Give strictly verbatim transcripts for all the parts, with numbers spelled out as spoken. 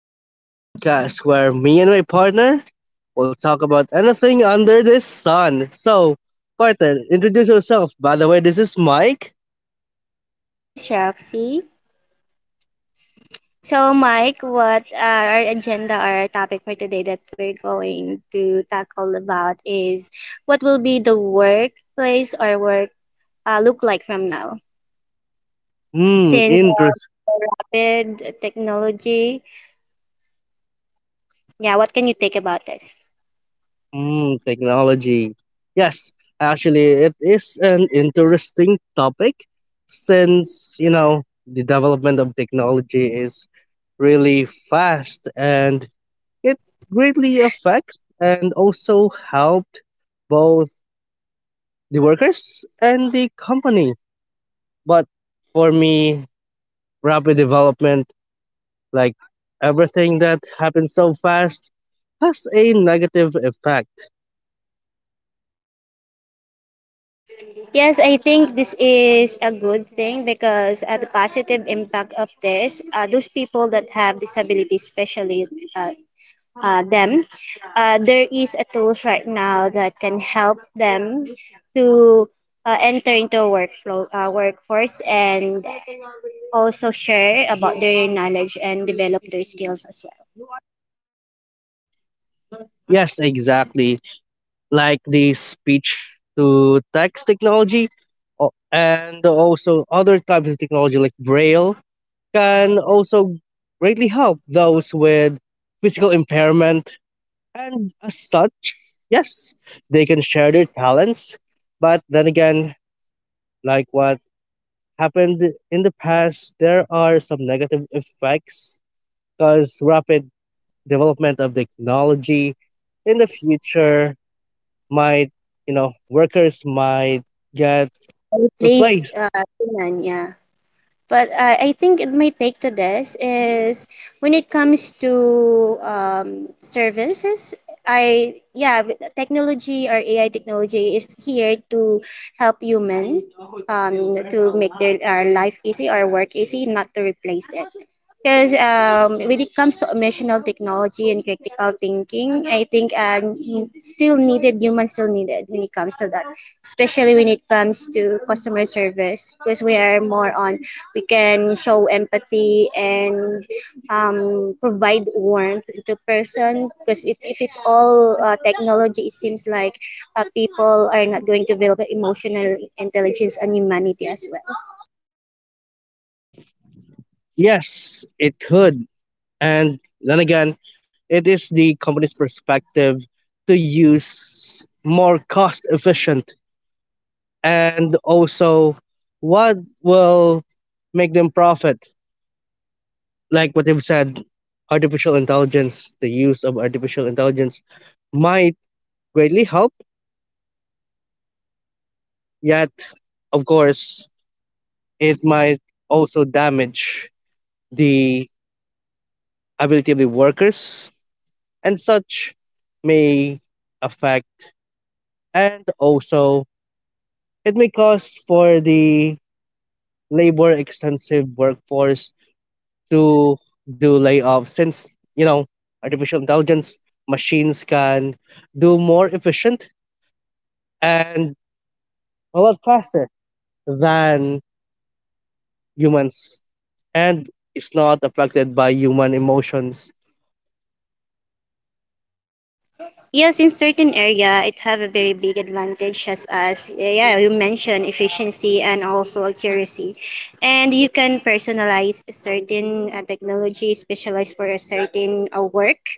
to the podcast where me and my partner will talk about anything under the sun. So, partner, introduce yourself. By the way, this is Mike. And this is Roxy. So, Mike, what are our agenda or our topic for today that we're going to tackle about is what will be the workplace or work uh, look like from now? Hmm, Since uh, interest. rapid technology, yeah, what can you take about this? Hmm, technology. Yes, actually, it is an interesting topic since, you know, the development of technology is really fast and it greatly affects and also helped both the workers and the company. But for me, rapid development, like everything that happens so fast, has a negative effect. Yes, I think this is a good thing because uh, the positive impact of this, uh, those people that have disabilities, especially uh, uh, them, uh, there is a tools right now that can help them to uh, enter into a workflow uh, workforce and also share about their knowledge and develop their skills as well. Yes, exactly. Like the speech to text technology o- and also other types of technology like braille can also greatly help those with physical impairment, and as such, yes, they can share their talents. But then again, like what happened in the past, there are some negative effects because rapid development of technology in the future might, you know, workers might get Replace replaced. uh, human, yeah. But uh, I think it- my take to this is when it comes to um, services, I, yeah, with technology or A I technology is here to help human, um, to make their our life easy or work easy, not to replace it. Because um, when it comes to emotional technology and critical thinking, I think um, still needed, humans still needed when it comes to that, especially when it comes to customer service, because we are more on, we can show empathy and, um, provide warmth to person, because it, if it's all uh, technology, it seems like uh, people are not going to develop emotional intelligence and humanity as well. Yes, it could. And then again, it is the company's perspective to use more cost efficient and also what will make them profit. Like what you've said, artificial intelligence, the use of artificial intelligence might greatly help, yet, of course, it might also damage the ability of the workers, and such may affect, and also it may cause for the labor extensive workforce to do layoffs since, you know artificial intelligence machines can do more efficient and a lot faster than humans, and it's not affected by human emotions. Yes, in certain area, it have a very big advantage, as as yeah, you mentioned efficiency and also accuracy, and you can personalize a certain uh, technology specialized for a certain uh, work.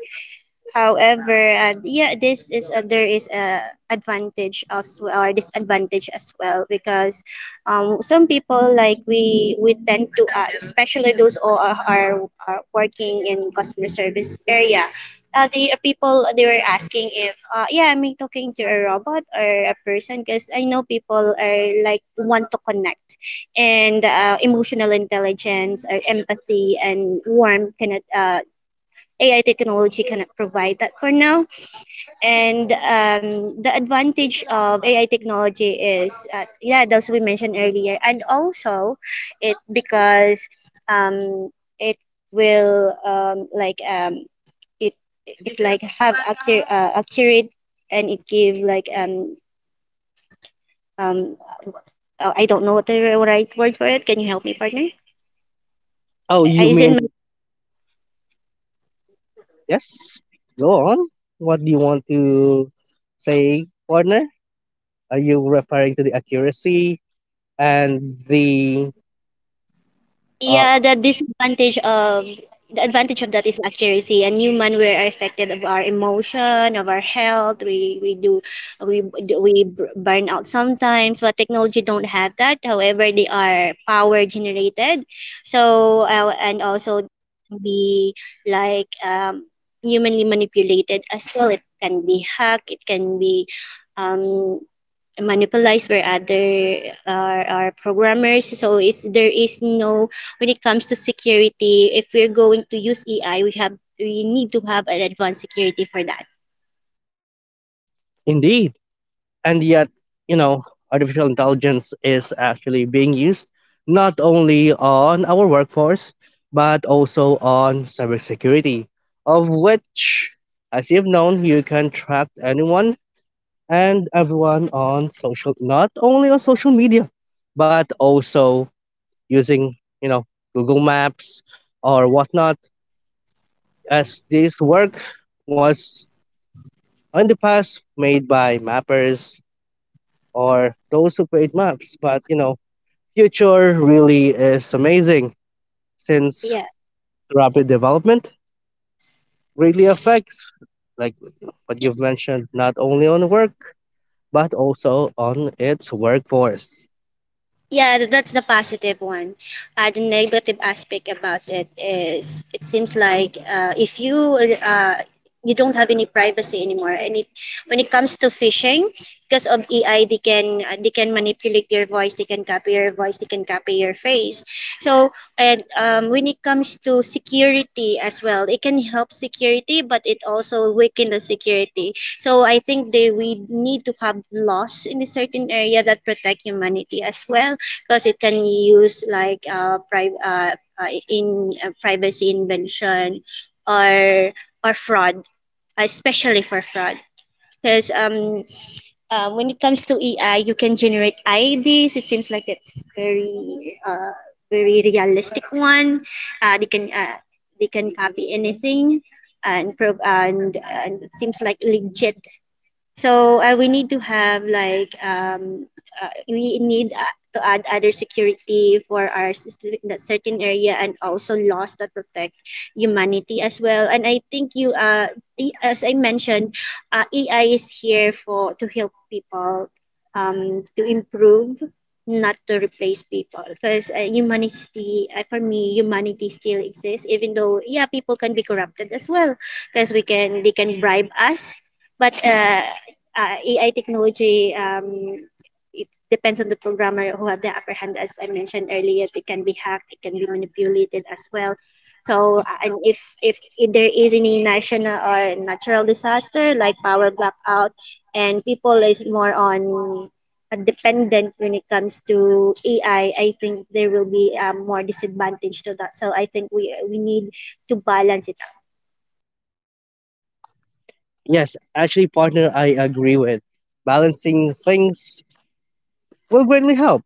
However, uh, yeah, this is uh, there is a advantage as well or disadvantage as well because, um, some people like we we tend to uh, especially those who are, are, are working in customer service area. Uh, the uh, people they were asking if uh, yeah am I talking to a robot or a person because I know people are like want to connect and uh, emotional intelligence or empathy and warmth cannot uh, A I technology cannot provide that for now. And um, the advantage of A I technology is, uh, yeah, those we mentioned earlier, and also it because, um, it will um, like um, it it like have accurate, uh, accurate and it give like um um uh, I don't know what the right words for it. Can you help me, partner? Oh, Uh, you Is mean, in yes? Go on. What do you want to say, partner? Are you referring to the accuracy and the. Uh, Yeah, the disadvantage of the advantage of that is accuracy, and human we are affected of our emotion of our health, we we do we do- we b- burn out sometimes, but technology don't have that, however they are power generated. So uh, and also be like um humanly manipulated as well. It can be hacked, it can be, um manipulates where other are, are programmers. So it's, there is no, when it comes to security, if we're going to use A I, we have we need to have an advanced security for that, indeed. And yet, you know artificial intelligence is actually being used not only on our workforce but also on cybersecurity, of which, as you've known, you can track anyone and everyone on social, not only on social media, but also using, you know Google Maps or whatnot, as this work was in the past made by mappers or those who create maps. But you know future really is amazing since yeah. rapid development really affects, like what you've mentioned, not only on work but also on its workforce. Yeah, th- that's the positive one. Uh, the negative aspect about it is it seems like uh, if you uh, you don't have any privacy anymore, and it, when it comes to phishing, because of A I, they can uh, they can manipulate your voice, they can copy your voice, they can copy your face. So and um, when it comes to security as well, it can help security, but it also weaken the security. So I think they we need to have laws in a certain area that protect humanity as well, because it can use like uh, pri- uh, uh, in uh, privacy invention or or fraud, especially for fraud, because um, uh, when it comes to A I you can generate I Ds. It seems like it's very uh, very realistic one. Uh, they can uh, they can copy anything, and pro- and, and it seems like legit. So uh, we need to have like um, uh, we need uh, to add other security for our s- that certain area and also laws that protect humanity as well. And I think you uh i- as I mentioned, uh, A I is here for to help people, um to improve, not to replace people, because uh, humanity, uh, for me humanity still exists even though, yeah, people can be corrupted as well, because we can they can bribe us. But uh, uh, A I technology, um, it depends on the programmer who have the upper hand. As I mentioned earlier, it can be hacked, it can be manipulated as well. So, uh, and if, if if there is any national or natural disaster like power blackout, and people is more on uh, dependent when it comes to A I, I I think there will be, um, more disadvantage to that. So I think we we need to balance it out. Yes, actually, partner, I agree with balancing things will greatly help.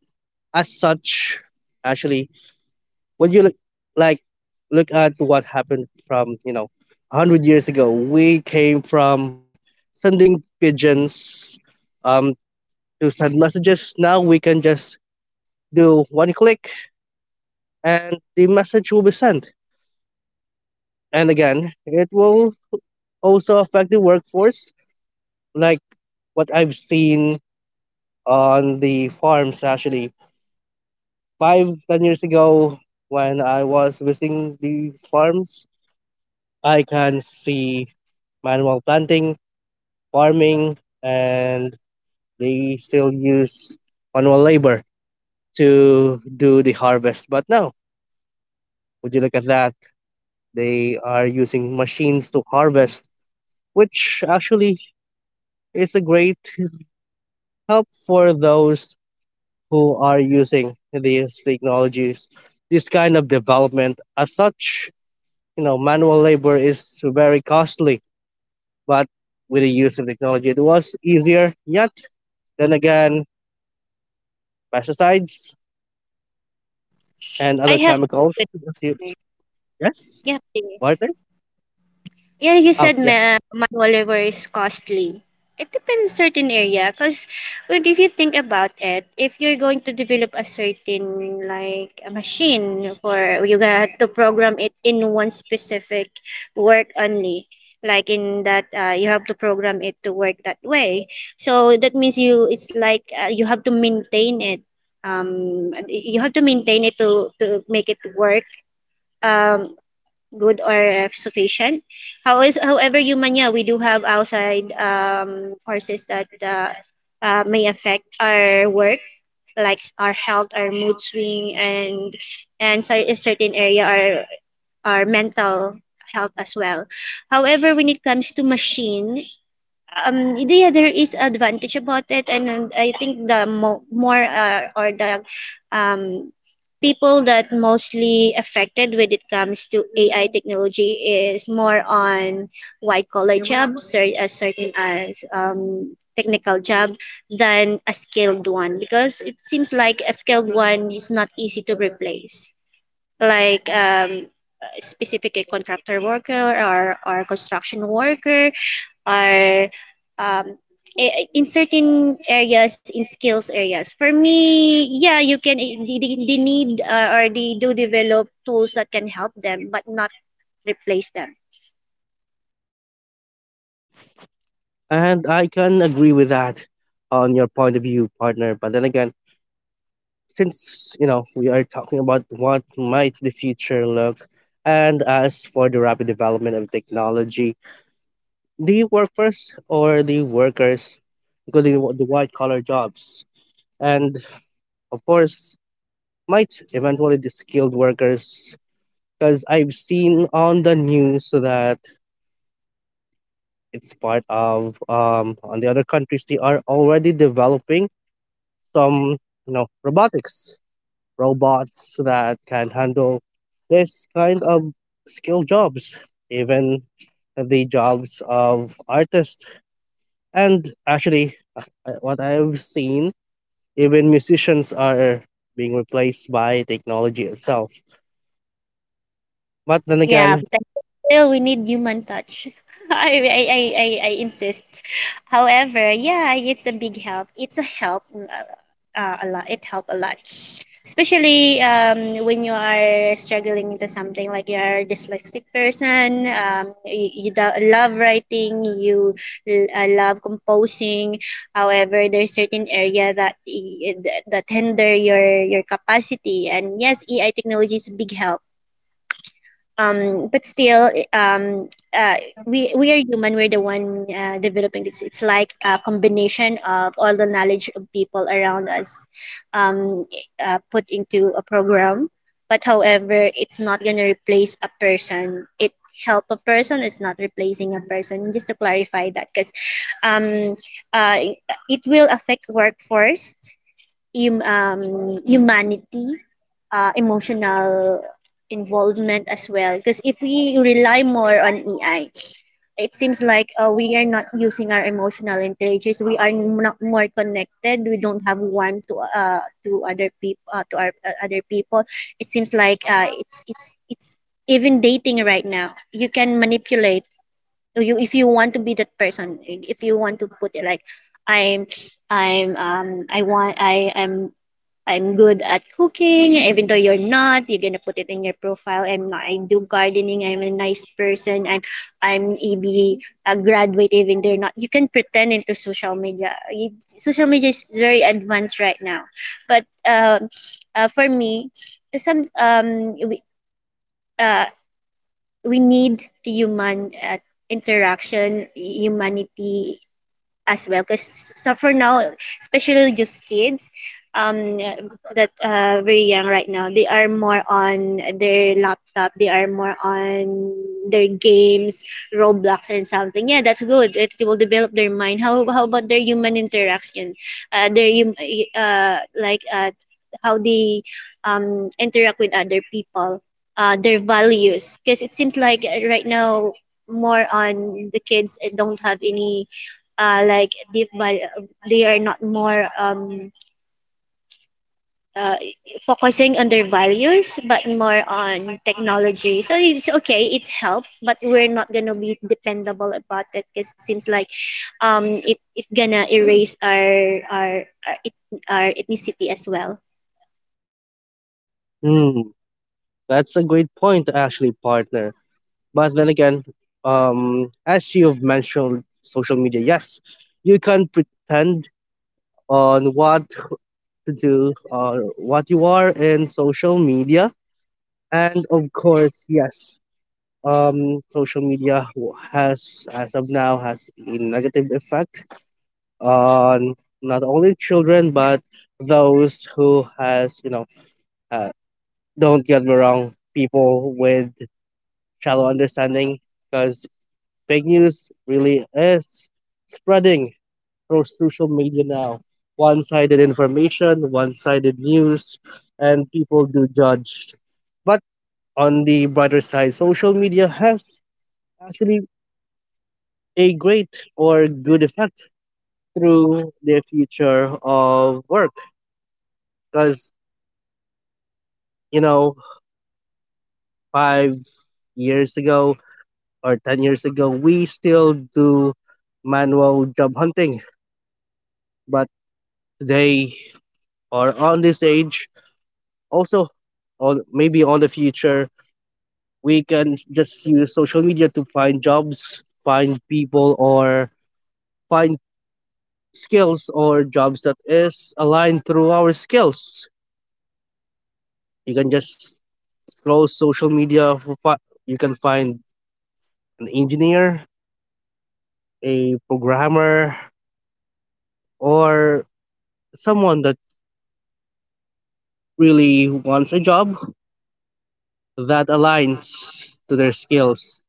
As such, actually, when you look, like, look at what happened from, you know one hundred years ago. We came from sending pigeons um to send messages. Now we can just do one click and the message will be sent. And again, it will also affect the workforce, like what I've seen on the farms actually. Five, ten years ago, when I was visiting the farms, I can see manual planting, farming, and they still use manual labor to do the harvest. But now, would you look at that? They are using machines to harvest, which actually is a great help for those who are using these technologies, this kind of development. As such, you know, manual labor is very costly, but with the use of technology, it was easier. Yet, then again, pesticides and I other have a chemicals. question. Yes, Yeah. partner. Yeah, you Oh, said yeah. ma- manual labor is costly. It depends certain area, cause when if you think about it, if you're going to develop a certain like a machine for, you got to program it in one specific work only, like in that uh, you have to program it to work that way. So that means you it's like uh, you have to maintain it. Um, you have to maintain it to to make it work. Um, good or uh, sufficient. How is, however, Humania, we do have outside um, forces that uh, uh, may affect our work, like our health, our mood swing, and and cer- a certain area our our mental health as well. However, when it comes to machine, um, it- yeah, there is advantage about it, and, and I think the mo more uh, or the, um, people that mostly affected when it comes to A I technology is more on white collar jobs, or as certain as um, technical job, than a skilled one because it seems like a skilled one is not easy to replace, like um, specifically contractor worker or, or construction worker or um, i- in certain areas in skills areas for me, yeah, you can eh, they, they they need uh, or they do develop tools that can help them but not replace them. And I can agree with that on your point of view, partner. But then again, since you know we are talking about what might the future look, and as for the rapid development of technology, the workers, or the workers including wh- the white collar jobs, and of course might eventually the skilled workers, because I've seen on the news that it's part of, um on the other countries they are already developing some, you know robotics, robots that can handle this kind of skilled jobs, even the jobs of artists. And actually, uh, uh, what I've seen, even musicians are being replaced by technology itself. But then Yeah, again, but still we need human touch. I, I, I, I I insist. However, yeah, it's a big help. It's a help uh, uh, a lot. It helped a lot. Especially um, when you are struggling into something like you're a dyslexic person, um, you, you do- love writing, you l- uh, love composing. However, there's certain area that i- that hinder your your capacity. And yes, A I technology is a big help, um but still um uh we we are human, we're the one uh, developing this. It's like a combination of all the knowledge of people around us, um uh, put into a program. But however, it's not going to replace a person, it help a person, it's not replacing a person, just to clarify that, because um uh it will affect workforce, hum- um, humanity, uh, emotional involvement as well. Because if we rely more on A I, it seems like uh, we are not using our emotional intelligence. We are not more connected. We don't have warmth to uh, to other people uh, to our uh, other people. It seems like uh, it's it's it's even dating right now. You can manipulate you if you want to be that person. If you want to put it like I'm I'm um I want I am I'm good at cooking, even though you're not, you're gonna put it in your profile. I'm not, I do gardening, I'm a nice person, I'm I'm E B a graduate, even they are not. You can pretend into social media. You- social media is very advanced right now. But um uh, for me, some um we uh we need human uh, interaction, humanity as well. Because so for now, especially just kids, um that uh very young right now, they are more on their laptop, they are more on their games, Roblox and something. Yeah, that's good, it will develop their mind. how how about their human interaction, uh their hum- uh like uh how they um interact with other people, uh their values, because it seems like uh, right now more on the kids uh, don't have any uh, like deep value. They are not more um uh, focusing on their values but more on technology. So it's okay, it's help, but we're not gonna be dependable about it, because it seems like um it, it gonna erase our our our, it, our ethnicity as well. hmm, that's a great point, actually, partner. But then again, um, as you've mentioned, social media, yes, you can pretend on what do uh, what you are in social media. And of course, yes, um, social media w- has, as of now, has a negative effect on not only children but those who has, you know uh, don't get me wrong, people with shallow understanding, because fake news really is spreading through social media now. One sided information, one sided news, and people do judge. But on the brighter side, social media has actually a great or good effect through the future of work. Because, you know, five years ago or ten years ago, we still do manual job hunting. But today, or on this age, also on maybe on the future, we can just use social media to find jobs, find people, or find skills or jobs that is aligned through our skills. You can just scroll social media for fi- you can find an engineer, a programmer, or someone that really wants a job that aligns to their skills.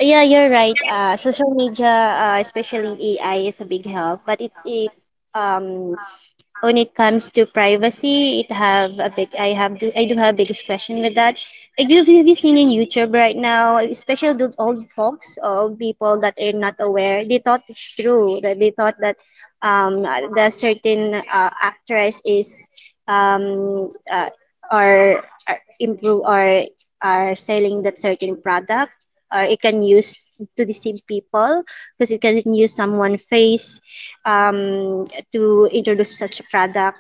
Yeah, you're right, uh social media, uh, especially A I is a big help, but it, it, um when it comes to privacy, it have a big, I have do I do have biggest question with that. Like have you have you seen in YouTube right now, especially the old folks or people that are not aware, they thought it's true that they thought that um the certain uh, actress is um uh, or, or improve or are selling that certain product, or it can use to deceive people because it can use someone face, um, to introduce such a product.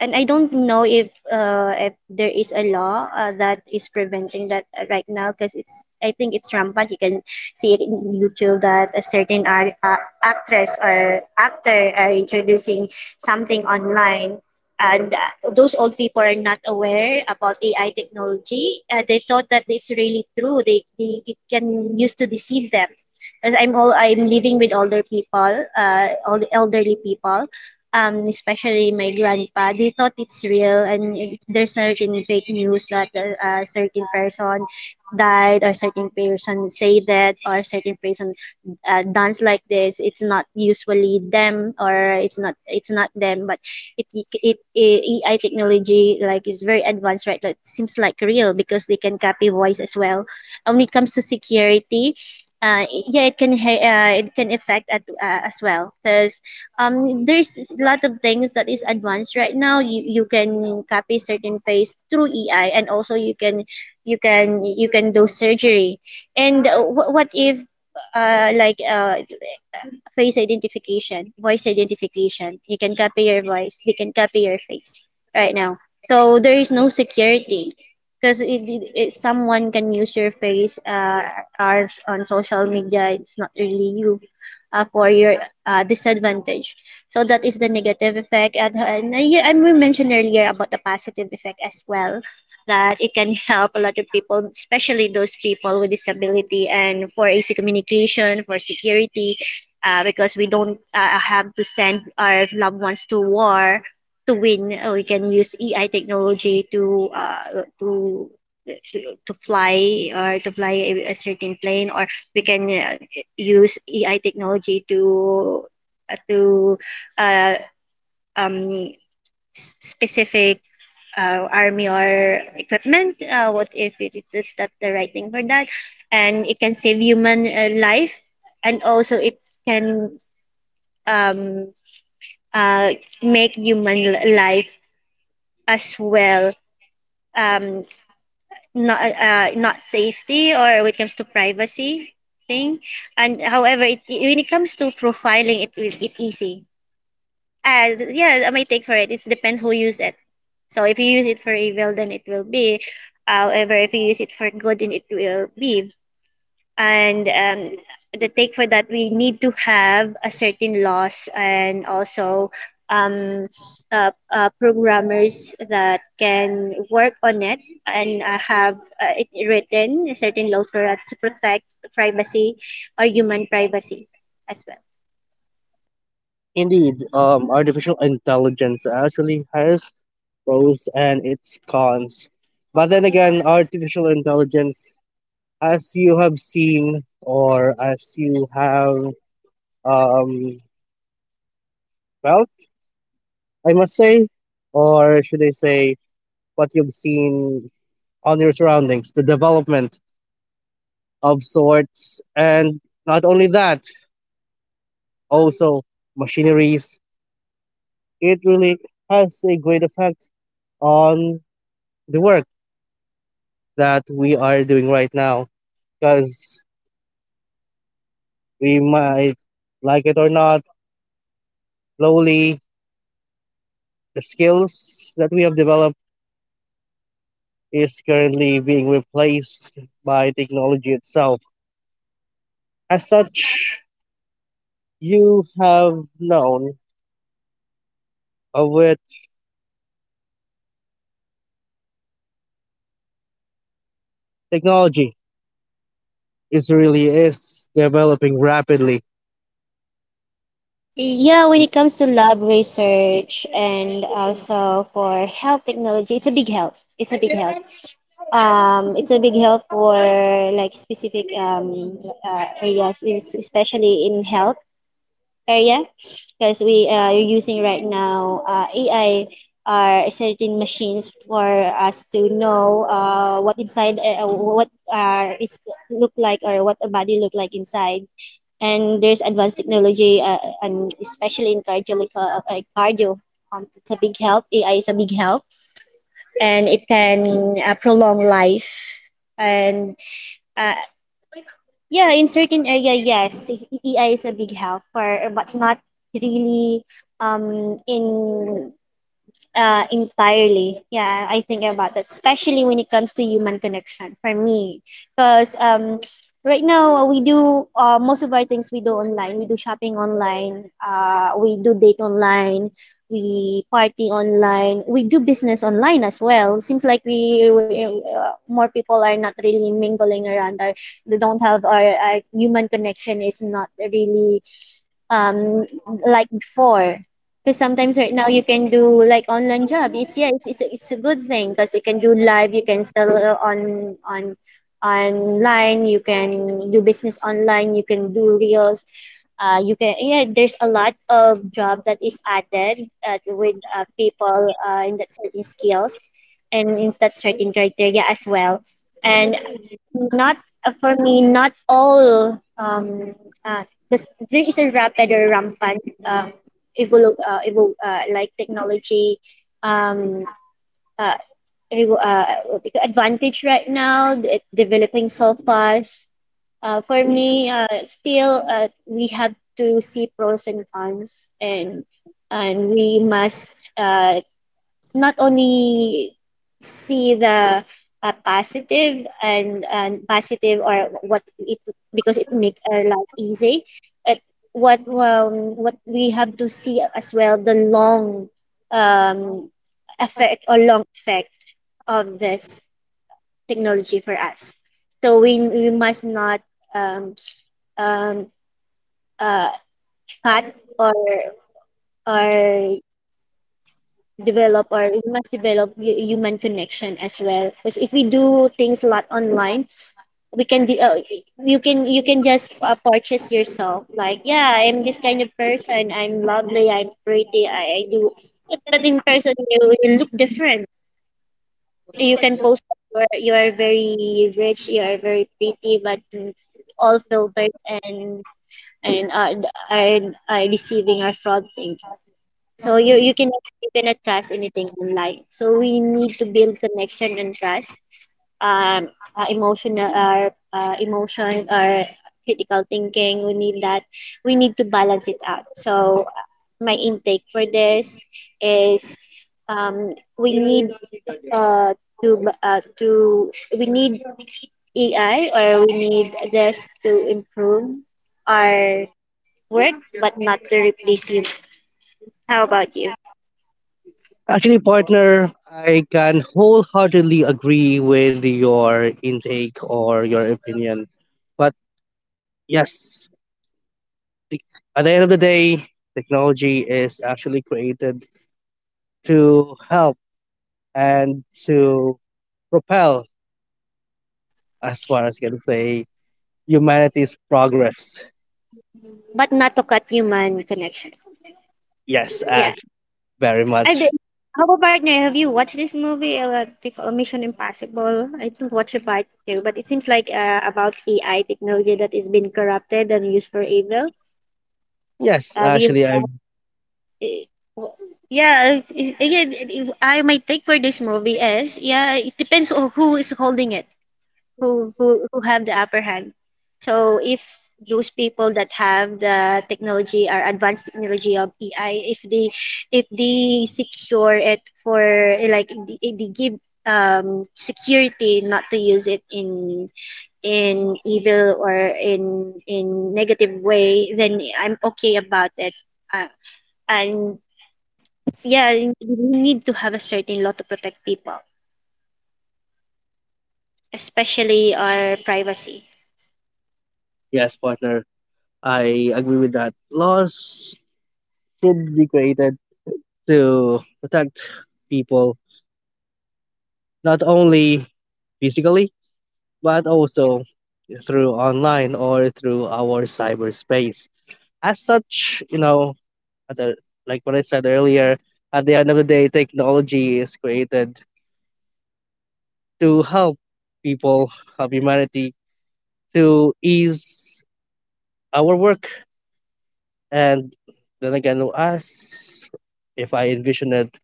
And I don't know if uh, if there is a law uh, that is preventing that uh, right now because it's I think it's rampant. You can see it in YouTube that a certain ar- uh, actress or actor are introducing something online, and uh, those old people are not aware about A I technology. Uh, they thought that it's really true. They, they it can use to deceive them because I'm all I'm living with older people, uh, all the elderly people, um, especially my grandpa. They thought it's real, and it, there's certain fake news that a, a certain person died, or certain person say that, or certain person uh, dance like this. It's not usually them, or it's not it's not them, but it, it, it A I technology like is very advanced, right? That seems like real because they can copy voice as well. And when it comes to security, uh, i- yeah, it can ha- uh, it can affect at, uh, as well because um, there's a lot of things that is advanced right now. You you can copy certain face through A I, and also you can you can you can do surgery. And uh, wh- what if uh, like uh, face identification, voice identification. You can copy your voice, they can copy your face right now. So there is no security because it, it, it, someone can use your face, uh, as on social media. It's not really you, uh, for your uh, disadvantage. So that is the negative effect. And, and, uh, yeah, and we mentioned earlier about the positive effect as well, that it can help a lot of people, especially those people with disability and for easy communication, for security, uh, because we don't uh, have to send our loved ones to war to win. Uh, we can use A I technology to uh, to to fly or to fly a, a certain plane, or we can uh, use A I technology to uh, to uh, um, s- specific. Uh, army or equipment, uh, what if it it is that the right thing for that, and it can save human uh, life, and also it can um, uh, make human li- life as well, um, not uh, not safety or when it comes to privacy thing. And however, it, it- when it comes to profiling, it it, it easy. And yeah, my take for it. It depends who use it. So if you use it for evil, then it will be. However, if you use it for good, then it will be. And um, The take for that, we need to have a certain laws and also um, uh, uh, programmers that can work on it and uh, have uh, it written certain laws for us to protect privacy or human privacy as well. Indeed, um, artificial intelligence actually has pros and its cons. But then again, artificial intelligence, as you have seen, or as you have um, felt, I must say, or should I say, what you've seen on your surroundings, the development of sorts, and not only that, also machineries, it really has a great effect on the work that we are doing right now, because we might, like it or not, slowly the skills that we have developed is currently being replaced by technology itself. As such, you have known of it, technology is really is developing rapidly. Yeah, when it comes to lab research and also for health technology, it's a big help. It's a big help. um, it's a big help for like specific um, uh, areas, es- especially in health area, because we uh, are using right now uh, A I are certain machines for us to know uh, what inside, uh, what uh, is look like, or what a body look like inside. And there's advanced technology, uh, and especially in cardiological, uh, cardio um, it's a big help. AI is a big help, and it can uh, prolong life. And uh, yeah, in certain area, yes, E I is a big help, for, but not really um, in uh, entirely. Yeah, I think about that, especially when it comes to human connection for me. Because um, right now, uh, we do uh, most of our things we do online. We do shopping online, uh, we do date online, we party online, we do business online as well. Seems like we, we uh, more people are not really mingling around, or they don't have our, our human connection is not really um like before, because sometimes right now you can do like online job. It's yeah, it's it's a, it's a good thing because you can do live, you can sell uh, on on online, you can do business online, you can do reels. Uh, you can, yeah, there's a lot of job that is added uh, with uh, people uh, in that certain skills and in that certain criteria as well, and not uh, for me not all um uh, this, there is a rapid or rampant uh, evolu- uh, evol- uh, like technology um uh, evo- uh, advantage right now, it developing so fast. Uh, for me, uh, still, uh, we have to see pros and cons, and and we must uh, not only see the uh, positive and, and positive or what it, because it make our life easy. At what, um, what we have to see as well, the long um, effect or long effect of this technology for us. So we we must not um, um uh cut or or develop, or we must develop hu- human connection as well because if we do things a lot online we can de- uh, you can you can just uh, purchase yourself like yeah, I'm this kind of person, I'm lovely, I'm pretty, i, I do, but in person you, you look different. You can post you're you are you are very rich, you are very pretty, but it's all filters. and and are, are, are receiving are fraud things. So you you can you cannot trust anything online. So we need to build connection and trust. Um, uh, emotional, our uh, emotion, our critical thinking. We need that. We need to balance it out. So uh, my intake for this is um, we need uh, to b- uh, to we need A I, or we need this to improve our work, but not to replace you. How about you? Actually, partner, I can wholeheartedly agree with your intake or your opinion. But yes, like, at the end of the day, technology is actually created to help and to propel, as far as I can say, humanity's progress. But not to cut human connection. Yes, uh, Yeah. very I did. much. How about partner? Have you watched this movie? Uh, they call Mission Impossible. I didn't watch the part two, but it seems like uh, about A I technology that is being corrupted and used for evil. Yes, Have you? actually, I eh, w- Yeah. it's- it's- Again, it- it- I, my take for this movie is yeah, it depends on who is holding it. Who who who have the upper hand. So if those people that have the technology or advanced technology of A I, if they if they secure it for eh, like they, they give um security not to use it in in evil or in in negative way, then I'm okay about it. Uh, and yeah, we need to have a certain law to protect people, especially our privacy. yes, partner, I agree with that. Laws should be created to protect people, not only physically but also through online or through our cyberspace. As such, you know, other, like what I said earlier, at the end of the day, technology is created to help people, help humanity, to ease our work. And then again, us, if I envision it,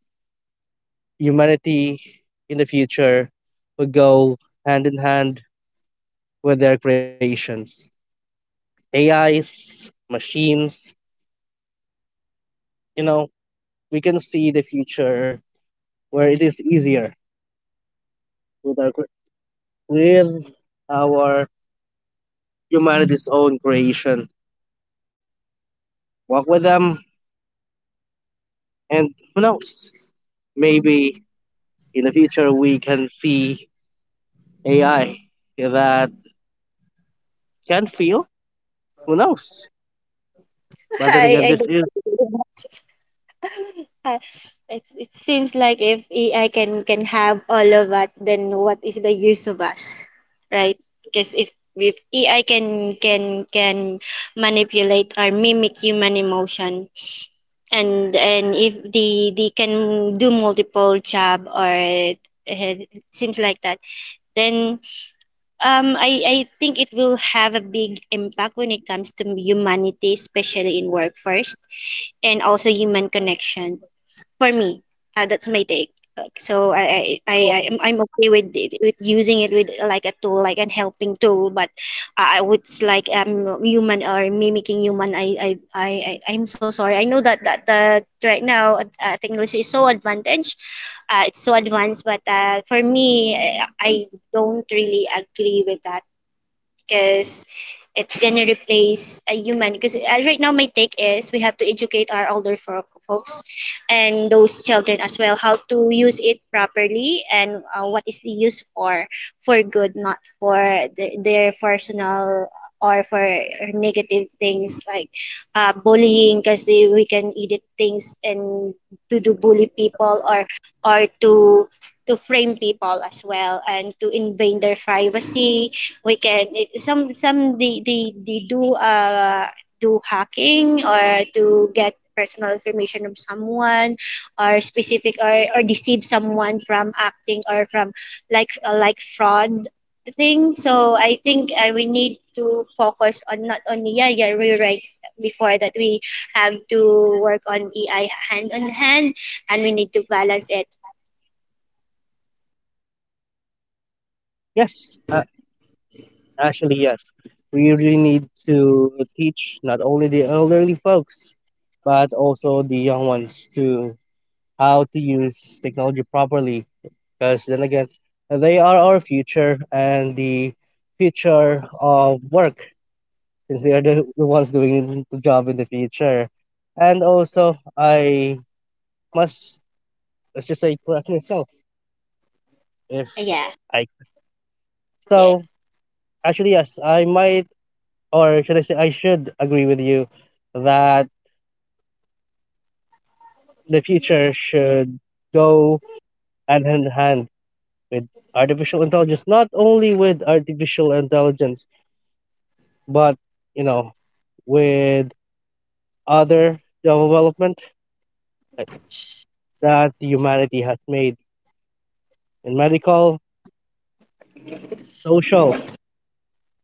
humanity in the future will go hand in hand with their creations. A Is, machines, you know, we can see the future where it is easier with our, cre- with our humanity's own creation. Walk with them, and who knows? Maybe in the future we can see A I that can feel. Who knows? But then I again, I this is don't. Uh, it, it seems like if A I can can have all of that, then what is the use of us, right? Because if if A I can can can manipulate or mimic human emotion, and and if they they can do multiple job or it, it seems like that, then um I I think it will have a big impact when it comes to humanity, especially in workforce and also human connection. For me, uh, that's my take. Uh, So I I I I- am I'm okay with it, with using it with uh, like a tool, like an helping tool. But I I would s- like um human or mimicking human. I I I I- I'm so sorry. I know that that, that right now uh, technology is so advantage, uh, it's so advanced, but uh, for me I, I don't really agree with that because it's gonna replace a human. Because uh, right now, my take is we have to educate our older fo- folks and those children as well how to use it properly, and uh, what is the use for for good, not for the, their personal, or for negative things like uh, bullying because we can edit things and to do bully people, or or to to frame people as well, and to invade their privacy. We can it, some some they, they they do uh do hacking or to get personal information of someone or specific, or or deceive someone from acting or from like uh, like fraud thing. So I think uh, we need to focus on not only yeah yeah rewrites before that, we have to work on EI hand on hand, and we need to balance it. yes. Actually, yes. We really need to teach not only the elderly folks, but also the young ones to how to use technology properly. Because then again, they are our future and the future of work, since they are the, the ones doing the job in the future. And also, I must, let's just say, correct myself if Yeah. I. Yeah. So, actually, yes, I might, or should I say, I should agree with you that the future should go hand in hand with artificial intelligence, not only with artificial intelligence, but you know, with other development that humanity has made in medical, social,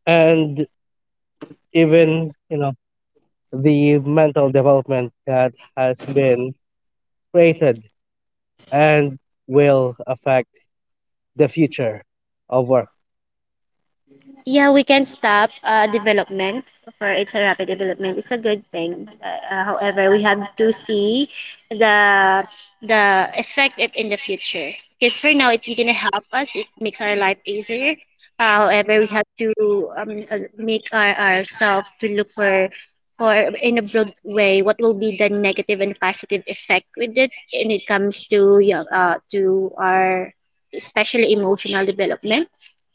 and even you know the mental development that has been created and will affect the future of work. Yeah, we can stop uh, development for it's a rapid development. It's a good thing. Uh, uh, however, we have to see the the effect it in the future. Because for now, it didn't help us. It makes our life easier. Uh, however, we have to um, uh, make our ourselves to look for for in a broad way what will be the negative and positive effect with it, and it comes to yeah, uh, to our, especially emotional development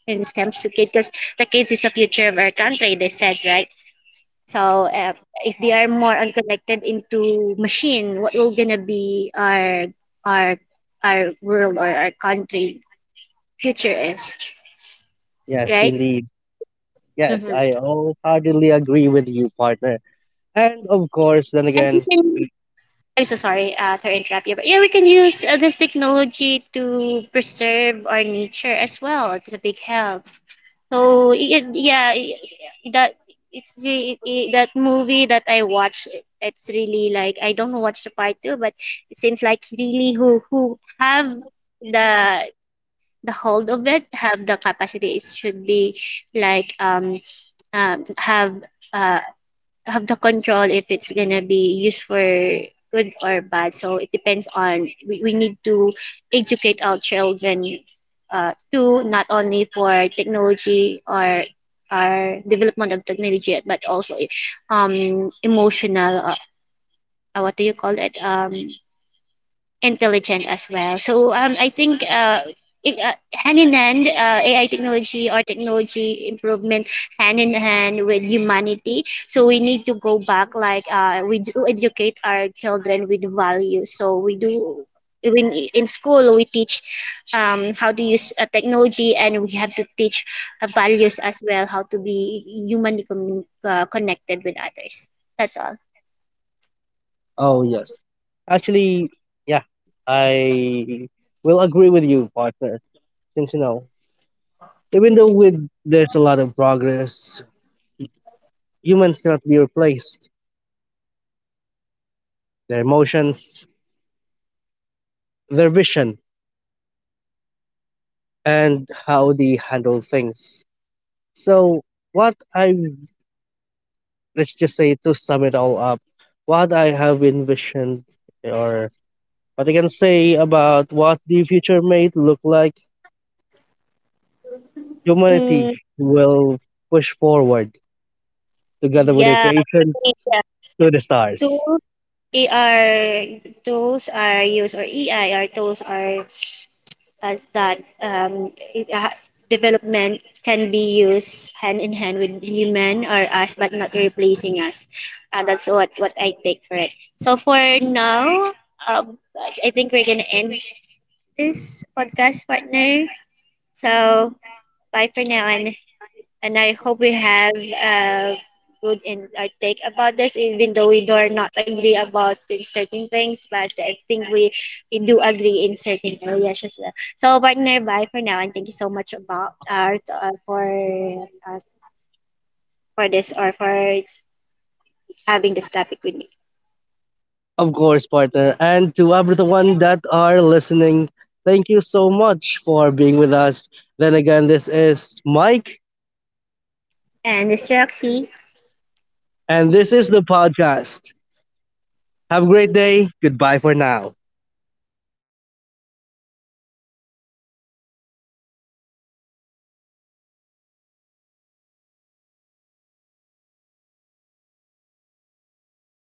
when it comes to kids, because the kids is the future of our country, they said, right? So uh, if they are more unconnected into machine, what will gonna be our our our world or our country future is Yes, right. indeed. Yes, Mm-hmm. I wholeheartedly agree with you, partner. And of course, then and we again, can, we- I'm so sorry uh, to interrupt you, but yeah, we can use uh, this technology to preserve our nature as well, it's a big help. So yeah, yeah, y- that it's re- i- that movie that I watched. It's really like I don't watch the part two, but it seems like really who who have the the hold of it have the capacity. It should be like um um have. Uh, have the control if it's gonna be used for good or bad. So it depends on we, we need to educate our children uh, too, not only for technology or our development of technology, but also um emotional. Uh, uh, what do you call it? Um, intelligent as well. So um, I think uh, it, uh, hand in hand, uh, A I technology or technology improvement hand in hand with humanity. So we need to go back, like uh, we do educate our children with values. So we do. Even i- in school, we teach um, how to use uh, technology, and we have to teach uh, values as well, how to be humanly commun- uh, connected with others. That's all. oh yes, actually, yeah, I will agree with you, partner. Since you know, even though with there's a lot of progress, humans cannot be replaced. Their emotions, their vision, and how they handle things. So, what I, let's just say to sum it all up, what I have envisioned, or what I can say about what the future may look like, humanity Mm, will push forward together with the yeah, creation to the yeah. stars. A R tools are used, or E I R tools are as that um, it- uh, development can be used hand in hand with human or us, but not replacing us. Uh, that's what what I take for it. So for now, um, I think we're gonna end this podcast, partner. So bye for now, and and I hope we have a good in our take about this, even though we do not agree about in certain things, but I think we, we do agree in certain areas as well. So, partner, bye for now, and thank you so much about our uh, for uh, for this, or for having this topic with me. Of course, partner. And to everyone that are listening, thank you so much for being with us. Then again, this is Mike, And this is Roxy. and this is the podcast. Have a great day. Goodbye for now.